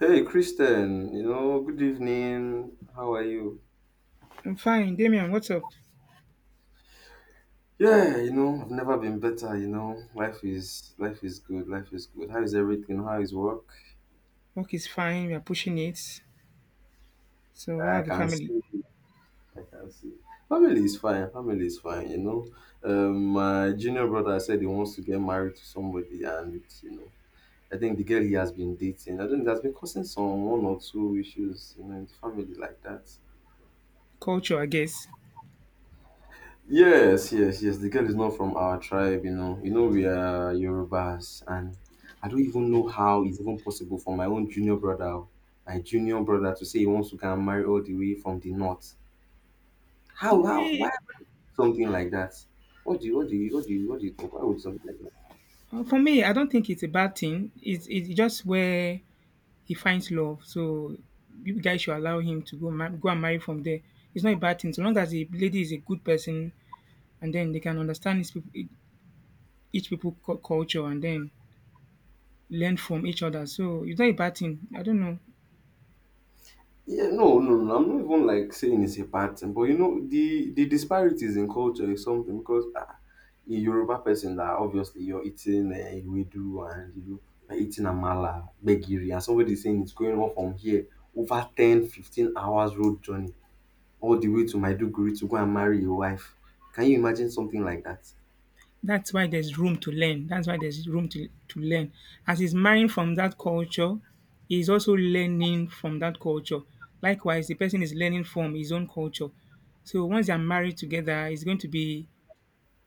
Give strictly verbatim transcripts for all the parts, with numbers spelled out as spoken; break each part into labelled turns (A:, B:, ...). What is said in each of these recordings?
A: Hey, Kristen, you know, good evening. How are you?
B: I'm fine. Damien, what's up?
A: Yeah, you know, I've never been better, you know. Life is life is good, life is good. How is everything? How is work?
B: Work is fine. We are pushing it. So, how
A: I
B: are the
A: can
B: family?
A: see. I can see. Family is fine, family is fine, you know. Um, my junior brother said he wants to get married to somebody and you know, I think the girl he has been dating, I think there's been causing some one or two issues, you know, in the family like that.
B: Culture, I guess.
A: Yes, yes, yes. The girl is not from our tribe, you know. You know, we are Yorubas, and I don't even know how it's even possible for my own junior brother, oh, my junior brother, to say he wants to go and marry all the way from the north. How? How? Why
B: Eh,
A: would something like that? What do you? What do you? What do you? What do you think? Why would something like that?
B: For me, I don't think it's a bad thing. It's, it's just where he finds love. So, you guys should allow him to go, ma- go and marry from there. It's not a bad thing. So long as the lady is a good person and then they can understand his, peop- each people cu- culture and then learn from each other. So, it's not a bad thing. I don't know.
A: Yeah, no, no, no. I'm not even like saying it's a bad thing, but you know, the the disparities in culture is something because uh, a Yoruba person that obviously you're eating uh, ewedu and you know you're eating amala, gbegiri, and somebody saying it's going on from here over ten, fifteen hours road journey all the way to Maiduguri to go and marry your wife. Can you imagine something like that?
B: That's why there's room to learn. That's why there's room to to learn. As he's marrying from that culture, he's also learning from that culture. Likewise, the person is learning from his own culture. So once they're married together, it's going to be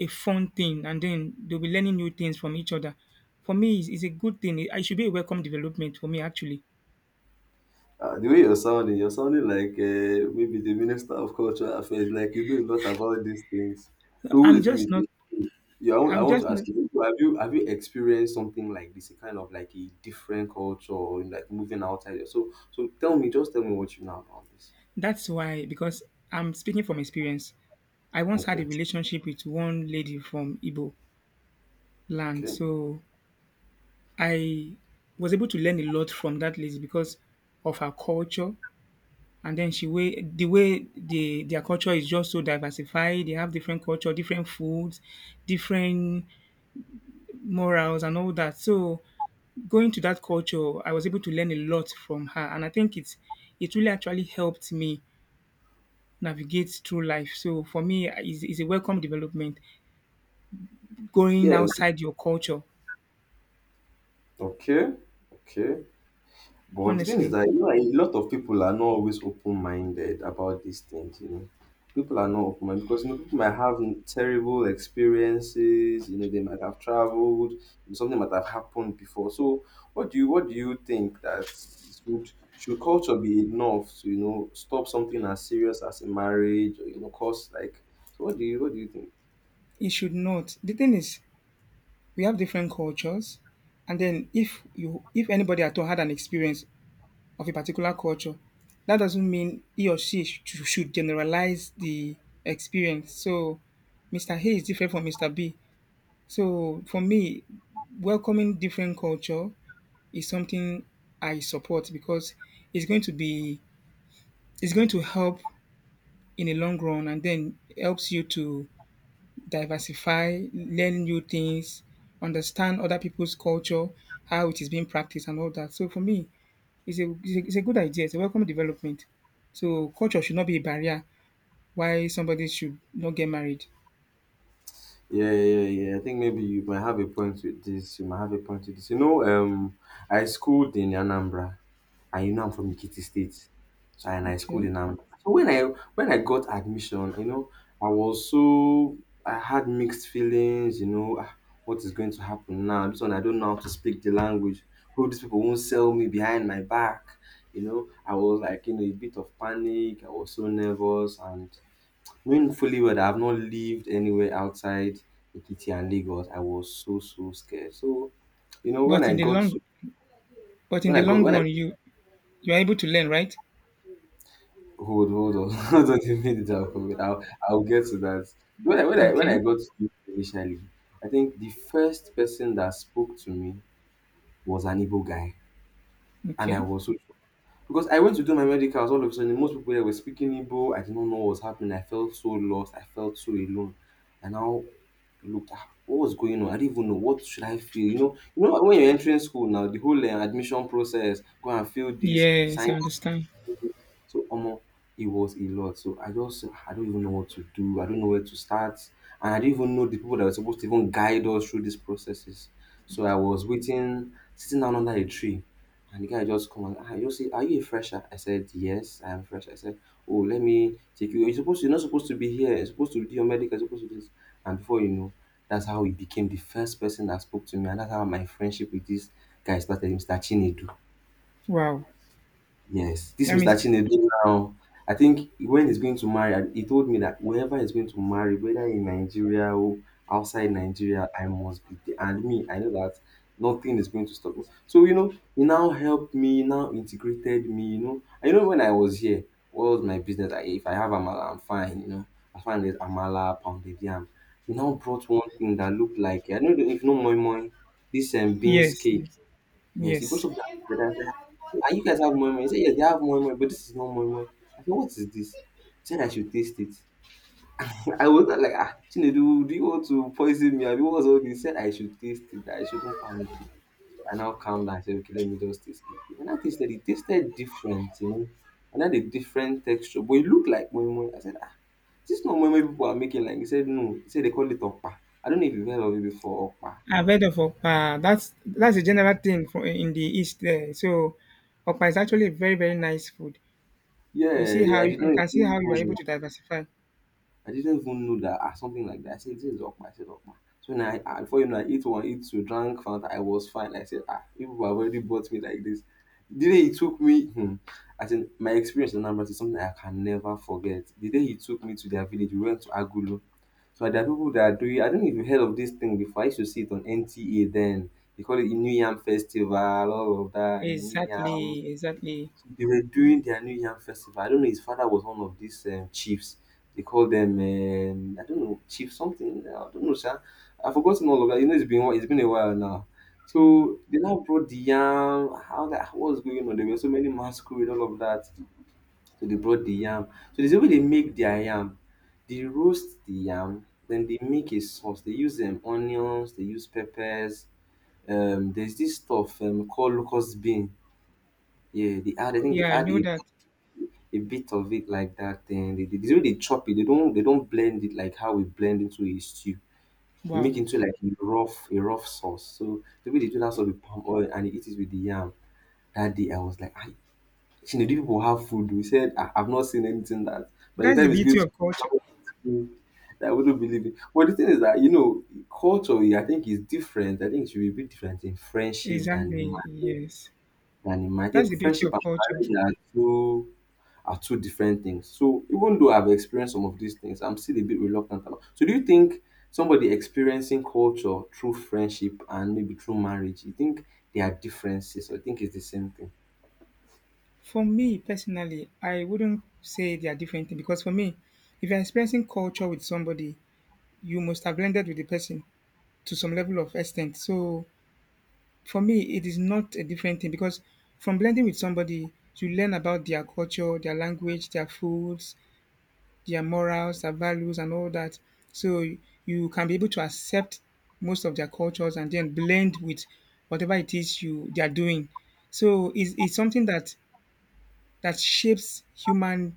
B: a fun thing, and then they'll be learning new things from each other. For me, it's, it's a good thing. It, it should be a welcome development for me, actually.
A: Ah, the way you're sounding, you're sounding like uh, maybe the Minister of Cultural Affairs, like you know a lot about these things. So
B: I'm
A: wait, wait,
B: just not.
A: wait. wait. Yeah, I want, I
B: I'm
A: want to
B: just not.
A: ask you, have you have you experienced something like this, a kind of like a different culture or like moving outside? So so tell me, just tell me what you know about this.
B: That's why, because I'm speaking from experience. I once had a
A: Okay.
B: relationship with one lady from Igbo land.
A: Okay.
B: So I was able to learn a lot from that lady because of her culture and then she way the way the their culture is just so diversified. They have different culture, different foods, different morals and all that. So going to that culture, I was able to learn a lot from her and I think it's it really actually helped me navigate through life. So for me, it's, it's a welcome development going
A: Yeah.
B: outside your culture.
A: Okay. Okay. But the thing is
B: Honestly,
A: that you know, a lot of people are not always open-minded about these things. You know, people are not open-minded because you know people might have terrible experiences. You know, they might have traveled. Something might have happened before. So, what do you what do you think that should should culture be enough to you know stop something as serious as a marriage or you know cause like? So, what do you what do you think?
B: it should not. The thing is, we have different cultures. And then if you if anybody at all had an experience of a particular culture, that doesn't mean he or she sh- should generalize the experience. So Mister A is different from Mister B. So for me, welcoming different culture is something I support because it's going to be it's going to help in the long run and then helps you to diversify, learn new things, understand other people's culture, how it is being practiced, and all that. So for me, it's a it's a, it's a good idea. It's a welcome development. So culture should not be a barrier why somebody should not get married.
A: Yeah, yeah, yeah. I think maybe you might have a point with this. You might have a point with this. You know, um, I schooled in Anambra and you know I'm from Ikiti State. So and I schooled
B: Okay,
A: in Am. So when I when I got admission, you know, I was so I had mixed feelings, you know, ah, what is going to happen now? This one I don't know how to speak the language. Hope these people won't sell me behind my back. You know, I was like in a bit of panic. I was so nervous and knowing fully well that I've not lived anywhere outside Ikiti and Lagos, I was so so scared. So, you know, when
B: but
A: I
B: in the
A: got
B: long
A: to
B: but in
A: when
B: the
A: I got
B: long
A: when I
B: run, you you are able to learn, right?
A: Hold hold on, hold on, you made it up for me. I'll I'll get to that. When I when I when I
B: Okay,
A: got to U K initially, I think the first person that spoke to me was an Igbo guy. And I
B: okay.
A: was so shocked. Because I went to do my medicals all of a sudden, most people there were speaking Igbo. I did not know what was happening. I felt so lost. I felt so alone. And now looked at what was going on. I didn't even know what should I feel. You know, you know when you're entering school now, the whole uh, admission process, go and feel this,
B: Yes,
A: sign.
B: I understand.
A: So omo, it was a lot. So I just I don't even know what to do. I don't know where to start. And I didn't even know the people that were supposed to even guide us through these processes. So I was waiting, sitting down under a tree. And the guy just come and I just say, "Are you a fresher?" I said, "Yes, I am fresh." I said, "Oh, let me take you. You're supposed to, you're not supposed to be here. You're supposed to do your medical, you're supposed to do this." And before you know, that's how he became the first person that spoke to me. And that's how my friendship with this guy started, Mister Chinedu.
B: Wow.
A: Yes, this
B: That
A: Mister
B: means
A: Chinedu now, I think when he's going to marry, he told me that wherever he's going to marry, whether in Nigeria or outside Nigeria, I must be there. And me, I know that nothing is going to stop me. So, you know, he now helped me, he now integrated me, you know. I know when I was here, what was my business? I, if I have Amala, I'm fine, you know. I find there's Amala, pounded yam. He now brought one thing that looked like, I know if no moi moi, this um, beans
B: yes,
A: cake.
B: yes.
A: Yes, he brushed
B: yes.
A: off that. But I said, "Ah, you guys have moi moi." He said, yes, they have moi moi, but this is not moi moi. I said, what is this? He said, I should taste it. I was like, ah, Chinedu, do you want to poison me? I mean, what's all this? He said, I should taste it. I shouldn't panic. So I now calmed down. I said, okay, let me just taste it. And I tasted it. It tasted different, you know. And had a different texture. But it looked like moi moi. I said, ah, is this not moi moi people are making? Like, he said, no. He said, they call it okpa. I don't know if you've heard of it before, okpa.
B: I've heard of Okpa. That's that's a general thing for in the east there. So Okpa is actually a very very nice food. You
A: Yeah,
B: see
A: yeah,
B: how
A: I
B: you,
A: did
B: you
A: not
B: can see how you are able to diversify.
A: I didn't even know that ah something like that. I said, this is okpa. I said, okpa. So now, I, I, before you know, I eat one, eat two, drank Fanta. I was fine. I said, ah, people have already bought me like this. The day he took me, hmm, I said, my experience in Anambra is something I can never forget. The day he took me to their village, we went to Agulu. So there are people that are doing, I don't know if you heard of this thing before. I used to see it on N T A then. They call it New Yam Festival, all of that, New Yam
B: Exactly, exactly.
A: they were doing their New Yam festival. I don't know. His father was one of these um, chiefs. They call them um, I don't know chief something. I don't know, sir. I've forgotten all of that. You know, it's been whi- it's been a while now.
B: Mm.
A: So they now brought the yam. How that how was going on? There were so many masquerade, all of that. So they brought the yam. So there's a way they make their yam. They roast the yam, then they make a sauce. They use um, onions, they use peppers. Um, there's this stuff um, called locust bean. Yeah, they add. I
B: Oh,
A: think they
B: yeah, I
A: add
B: know
A: a
B: that.
A: a bit of it like that. Then they, they, the way they chop it, they don't they don't blend it like how we blend into a stew. They make
B: Wow,
A: into like a rough a rough sauce. So the way they do that sauce with palm oil and they eat it with the yam. That day I was like, I you know, do people have food? We said I, I've not seen anything that. By the
B: that's the
A: time it's good,
B: beauty of culture.
A: to- I wouldn't believe it. But the thing is that you know, culturally, I think is different. I think it should be a bit different in friendship than in
B: Exactly,
A: marriage.
B: yes.
A: Than in marriage. I
B: That's
A: think
B: the beauty
A: friendship
B: of
A: and
B: culture.
A: marriage are two are two different things. So even though I've experienced some of these things, I'm still a bit reluctant about. So do you think somebody experiencing culture through friendship and maybe through marriage, you think there are differences or you think it's the same thing?
B: For me personally, I wouldn't say they are different thing because for me, if you're experiencing culture with somebody, you must have blended with the person to some level of extent. So for me, it is not a different thing because from blending with somebody, you learn about their culture, their language, their foods, their morals, their values, and all that. So you can be able to accept most of their cultures and then blend with whatever it is you they are doing. So it's, it's something that that shapes human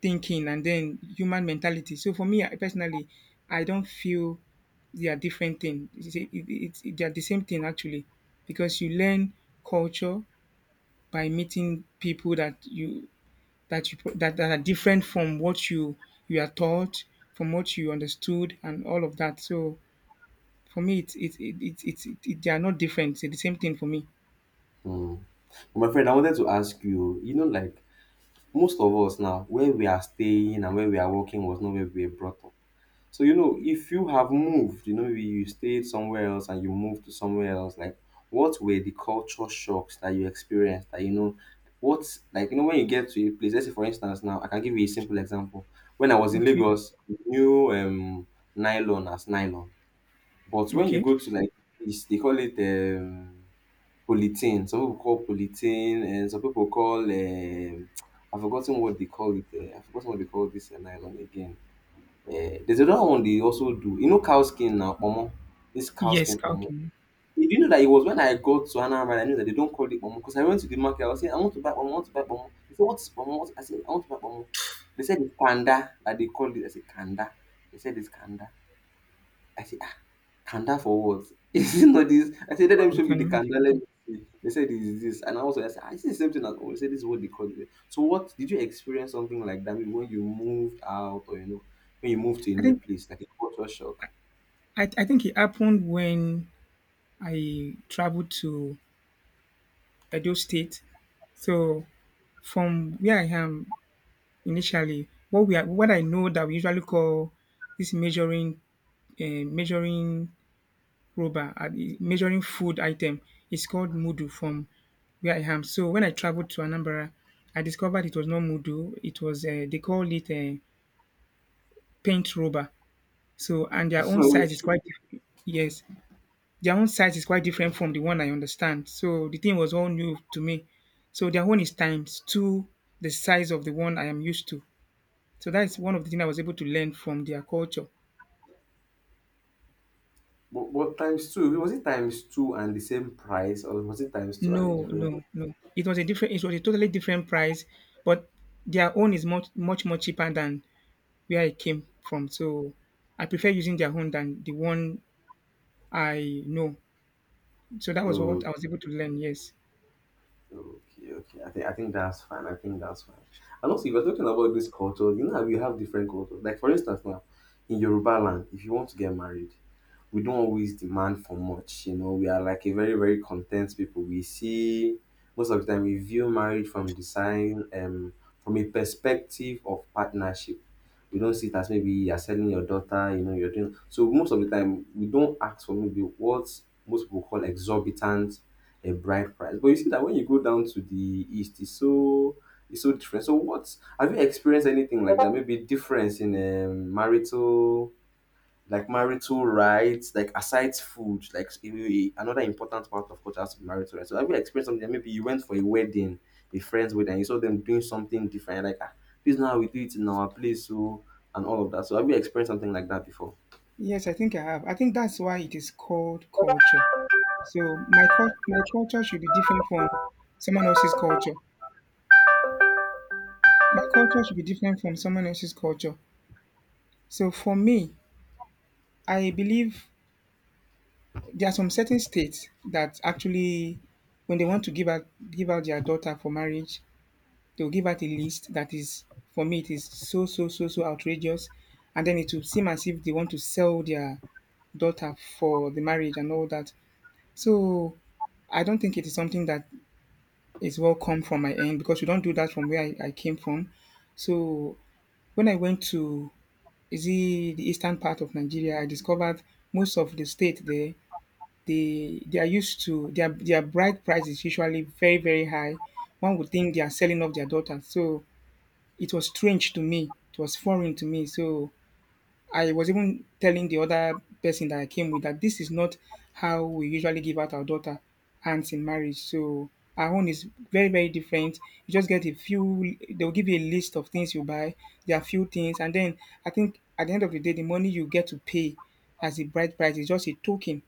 B: thinking and then human mentality. So for me, I personally, I don't feel they are different thing. It's, it, it, it- They are the same thing actually, because you learn culture by meeting people that you that you that, that are different from what you you are taught, from what you understood, and all of that. So for me, it's it's it, it, it, it, it, they are not different. It's the same thing for me.
A: Hmm. But my friend, I wanted to ask you, you know, like most of us now, where we are staying and where we are working was not where we were brought up. So you know, if you have moved, you know, maybe you stayed somewhere else and you moved to somewhere else, like what were the culture shocks that you experienced? That you know, what like you know when you get to a place. Let's say for instance, now I can give you a simple example. When I was in
B: Okay.
A: Lagos, we knew um, nylon as nylon, but when you
B: Okay.
A: go to like East, they call it um, polythene. Some people call polythene, and some people call um, I've forgotten what they call it. Uh, I've forgotten what they call this uh, nylon again. Eh, there's another one they also do. You know cow skin now, pomo. This cow
B: Yes,
A: skin pomo.
B: Kalkin.
A: Did you know that it was when I got to Anambra, I knew that they don't call it pomo because I went to the market. I was saying, I want to buy pomo, I want to buy pomo. They said, what is pomo? What is-" I said, I want to buy pomo. They said it's kanda that they call it. I said kanda. They said it's kanda. I said, ah, Kanda for what? Is it not this? I said, let
B: Wow,
A: them
B: you
A: show me
B: can
A: the
B: imagine.
A: Kanda. Let me see. They said, is this. And I was like, I said, "Ah, is the same thing as always? They said, this is what they call it. So, what did you experience something like that maybe when you moved out or, you know, when you moved to a
B: I
A: new
B: think
A: place, like a culture shock?
B: I, I think it happened when I traveled to Edo State. So from where I am initially, what we are, what I know that we usually call this measuring uh, measuring rubber, uh, measuring food item, is called mudu from where I am. So when I traveled to Anambra, I discovered it was not mudu. It was uh, they call it a paint rubber. So and their own size is quite diff- yes, their own site is quite different from the one I understand. So the thing was all new to me. So their own is times two the size of the one I am used to. So that's one of the things I was able to learn from their culture.
A: No, but, but times two, was it times two and the same price or was it times two and a
B: No,
A: different price?
B: no, no. It was a different. It was a totally different price, but their own is much, much, much cheaper than where I came from. So I prefer using their own than the one I know. So that was what
A: Oh,
B: I was able to learn. Yes,
A: okay, okay. I think I think that's fine. I think that's fine. And also, if you're talking about this culture, you know how we have different cultures. Like for instance, now in Yoruba land, if you want to get married, we don't always demand for much. You know, we are like a very, very content people. We see most of the time we view marriage from design, um, from a perspective of partnership. We don't see it as maybe you're selling your daughter, you know, you're doing so most of the time we don't ask for maybe what most people call exorbitant a bride price. But you see that when you go down to the east, it's so it's so different. So what have you experienced anything like that? Maybe difference in um marital like marital rights, like aside food, like you a- another important part of culture has to be marital rights. So have you experienced something? That maybe you went for a wedding, a friend's wedding, and you saw them doing something different, like ah, this is not how we do it in our place, so and all of that. So have you experienced something like that before?
B: yes. I think I have. I think that's why it is called culture. So my cul- my culture should be different from someone else's culture. My culture should be different from someone else's culture. So for me, I believe there are some certain states that actually, when they want to give out give out their daughter for marriage, they'll give out a list that is for me it is so so so so outrageous, and then it will seem as if they want to sell their daughter for the marriage and all that. So I don't think it is something that is welcome from my end because we don't do that from where I, I came from. So when I went to, is it the eastern part of Nigeria, I discovered most of the state there they they are used to their their bride price is usually very very high. One would think they are selling off their daughters. So it was strange to me. It was foreign to me. So I was even telling the other person that I came with that this is not how we usually give out our daughter hands in marriage. So our own is very, very different. You just get a few, they'll give you a list of things you buy. There are few things. And then I think at the end of the day, the money you get to pay as a bride price is just a token,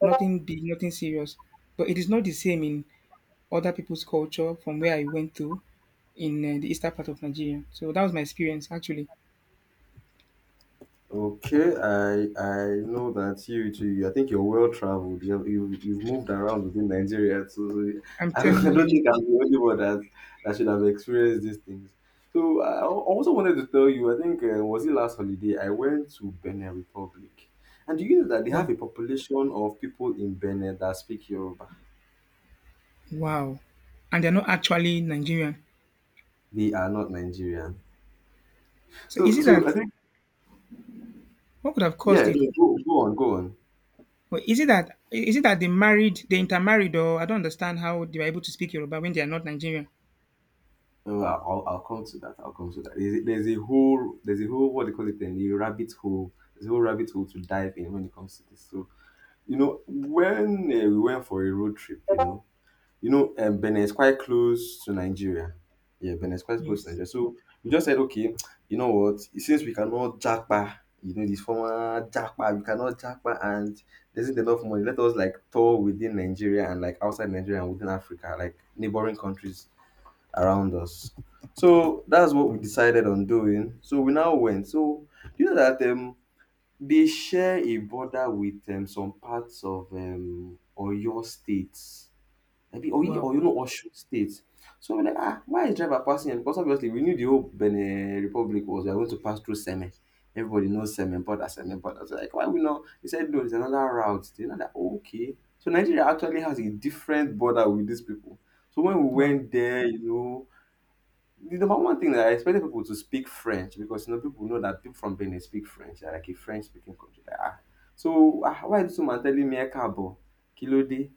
B: nothing big, nothing serious. But it is not the same in other people's culture from where I went to in uh, the eastern part of Nigeria. So that was my experience, actually.
A: Okay, I I know that you too. I think you're well traveled. You have, you you've moved around within Nigeria, so, so
B: I'm
A: I don't
B: telling
A: I don't
B: you,
A: think I'm the only one that that should have experienced these things. So I al- also wanted to tell you. I think uh, was it last holiday? I went to Benin Republic, and do you know that they have
B: wow.
A: a population of people in Benin that speak Yoruba?
B: Wow. And they're not actually Nigerian.
A: They are not Nigerian.
B: So
A: So
B: is it
A: so I
B: that
A: think
B: what could have caused
A: yeah.
B: it?
A: No, go, go on, go on.
B: Or is it that is it that they married, they intermarried, or I don't understand how they were able to speak Yoruba when they are not Nigerian?
A: Oh, I'll, I'll I'll come to that. I'll come to that. There's, a- there's a whole, there's a whole, what do you call it, then, the rabbit hole. There's a whole rabbit hole to dive in when it comes to this. So, you know, when uh, we went for a road trip, you know, you know, um, Benin is quite close to Nigeria. Yeah, Benin is quite close to
B: Yes.
A: Nigeria. So we just said, okay, you know what? Since we cannot jackpa, you know, this former jackpa, we cannot jackpa, and there isn't enough money. Let us like tour within Nigeria and like outside Nigeria and within Africa, like neighboring countries around us. So that's what we decided on doing. So we now went. So you know that um, they share a border with um, some parts of um, Oyo State. Maybe Oyo
B: Wow.
A: or you know Osun State. So we're like, ah, why is driver passing? Here?" Because obviously we knew the whole Benin Republic was we are going to pass through Seme. Everybody knows Seme border, Seme border. So like, why we not? He said, no, there's another route. They're not like, okay. So Nigeria actually has a different border with these people. So when we
B: Wow.
A: went there, you know, the number one thing that I expected people to speak French because you know people know that people from Benin speak French. They're like a French speaking country. Like, ah, so ah, why is this woman telling me Ekabo? Kí ló dé?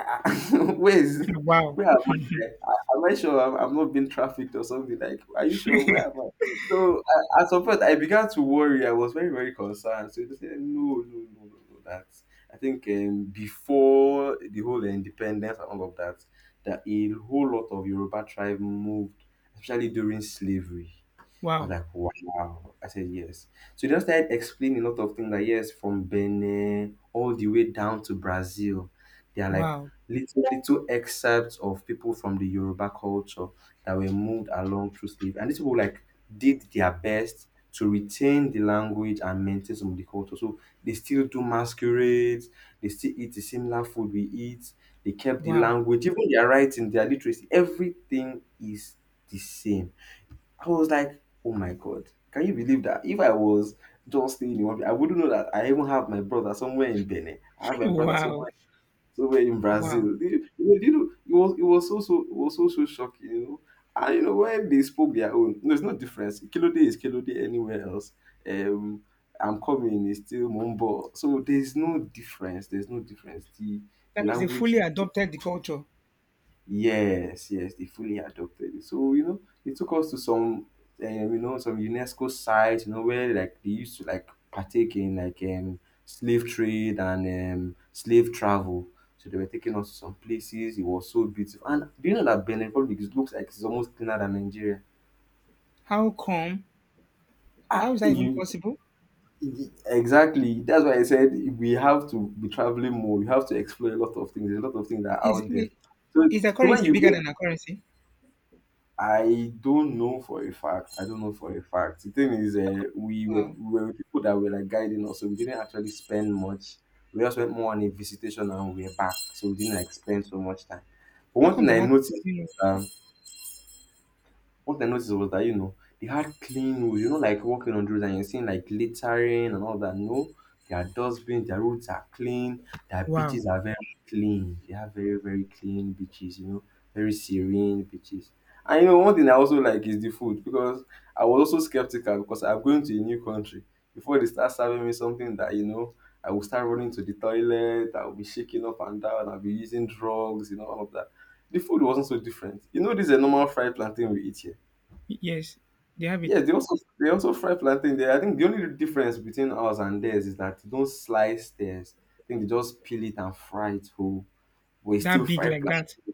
A: Where is
B: Wow.
A: where am I? I- am I sure I'm, I'm not being trafficked or something? Like, are you sure? Where am I? So I, at some point, I began to worry. I was very very concerned. So they said, no, no, no, no, no. That I think um, before the whole independence and all of that, that a whole lot of Yoruba tribe moved, especially during slavery. I was
B: Wow.
A: like, wow. I said, yes. So they just started explaining a lot of things like, yes, from Benin all the way down to Brazil. They are like
B: Wow.
A: little, little excerpts of people from the Yoruba culture that were moved along through slavery. And these people like did their best to retain the language and maintain some of the culture. So they still do masquerades, they still eat the similar food we eat, they kept the
B: Wow.
A: language, even their writing, their literacy, everything is the same. I was like, oh my god, can you believe that? If I was just staying in one place, I wouldn't know that I even have my brother somewhere in Benin. I have my brother
B: Wow.
A: somewhere somewhere in
B: Wow.
A: Brazil. Do you, you know, do you know, it was it was so so it was so so shocking, you know. And you know when they spoke their own, no, it's no difference. Kilo day is kilo day anywhere else. Um, I'm coming is still mumbo. So there's no difference. There's no difference. The
B: That
A: the
B: means they
A: language.
B: fully adopted the culture.
A: Yes, yes, they fully adopted it. So, you know, they took us to some, um, you know, some UNESCO sites, you know, where like they used to like partake in like um slave trade and um slave travel. So they were taking us to some places. It was so beautiful. And do you know that Benin Republic is- looks like it's almost cleaner than Nigeria?
B: How come?
A: Ah,
B: How is that even
A: you,
B: possible?
A: exactly. That's why I said we have to be traveling more. We have to explore a lot of things. There's a lot of things that are
B: Is
A: out there.
B: wait,
A: So,
B: is the
A: so when
B: currency
A: you
B: bigger
A: go.
B: than a currency?
A: I don't know for a fact. I don't know for a fact. The thing is,
B: How
A: uh,
B: come,
A: we, were,
B: wow.
A: we were with people that were like guiding us, so we didn't actually spend much. We just went more on a visitation and we were back, so we didn't like spend so much time. But
B: How
A: one
B: come
A: thing
B: they
A: I
B: had?
A: noticed, um, what I noticed was that, you know, they had clean roads, you know, like walking on the roads and you're seeing like littering and all that. No, their dustbins, their roads are clean, their
B: Wow.
A: beaches are very clean. They have very, very clean beaches, you know, very serene beaches. And you know, one thing I also like is the food because I was also skeptical because I'm going to a new country. Before they start serving me something that, you know, I will start running to the toilet, I'll be shaking up and down, I'll be using drugs, you know, all of that. The food wasn't so different. You know, this is a normal fried plantain we eat here.
B: Yes, they have it.
A: Yes, they also they also fry plantain there. I think the only difference between ours and theirs is that they don't slice theirs. I think they just peel it and fry it whole. But it's still
B: That big
A: fried
B: like that
A: plantain.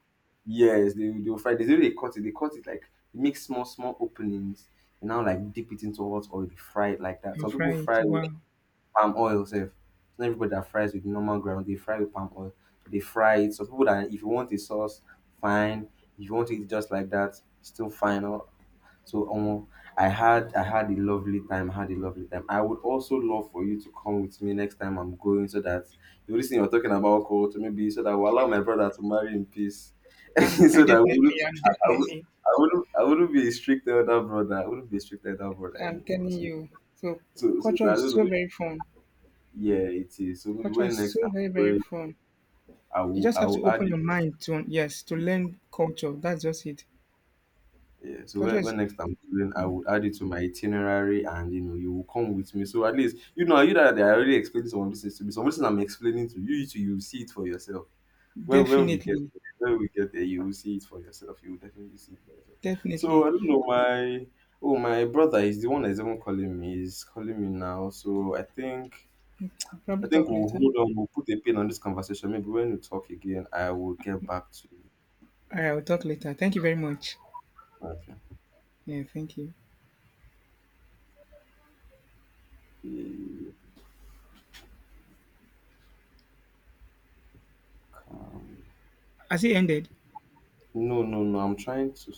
A: Yes, they will- they will fry. They really cut it. They cut it like make small small openings and now like dip it into hot oil. They fry it like that.
B: and
A: Some people
B: fry it.
A: fry with
B: Wow.
A: palm oil. Self, it's not everybody that fries with normal ground. They fry with palm oil. They fry it. Some people that if you want a sauce, fine. If you want it just like that, still fine. Or so um, I had I had a lovely time. I had a lovely time. I would also love for you to come with me next time I'm going, so that you know, you're talking about, alcohol, to maybe so that I will allow my brother to marry in peace, so
B: I'm, I
A: that I
B: definitely,
A: wouldn't
B: I'm
A: I, I would,
B: definitely,
A: I wouldn't I wouldn't be a strict elder brother. I wouldn't be a strict elder brother
B: I'm
A: anymore.
B: telling
A: So
B: you. So
A: so, so
B: culture
A: I
B: is
A: don't
B: so
A: know.
B: very fun.
A: Yeah, it is. So maybe
B: Culture
A: when
B: is
A: next
B: so
A: time
B: very,
A: I'm
B: very
A: going,
B: fun.
A: I
B: You
A: will
B: just
A: I
B: have to
A: will add
B: open
A: it.
B: your mind to, yes, to learn culture. That's just it.
A: Yeah, so
B: Culture
A: when,
B: is
A: when next I'm traveling, I would add it to my itinerary, and you know, you will come with me. So at least you know, you that I already explained some of these things to me. Some of these things I'm explaining to you, you too, you will see it for yourself. When when we get
B: definitely,
A: there, when we get there, you will see it for yourself. You will definitely see it for yourself. So
B: definitely.
A: I don't know, my oh my brother is the one that's even calling me. He's calling me now. So I think
B: We'll probably
A: I think
B: talk
A: we'll
B: later. All
A: hold on. We'll put a pin on this conversation. Maybe when we talk again, I will get back to you.
B: right, I'll talk later. Thank you very much.
A: Okay.
B: Yeah, thank you.
A: Yeah, calm.
B: Has it ended?
A: No, no, no. I'm trying to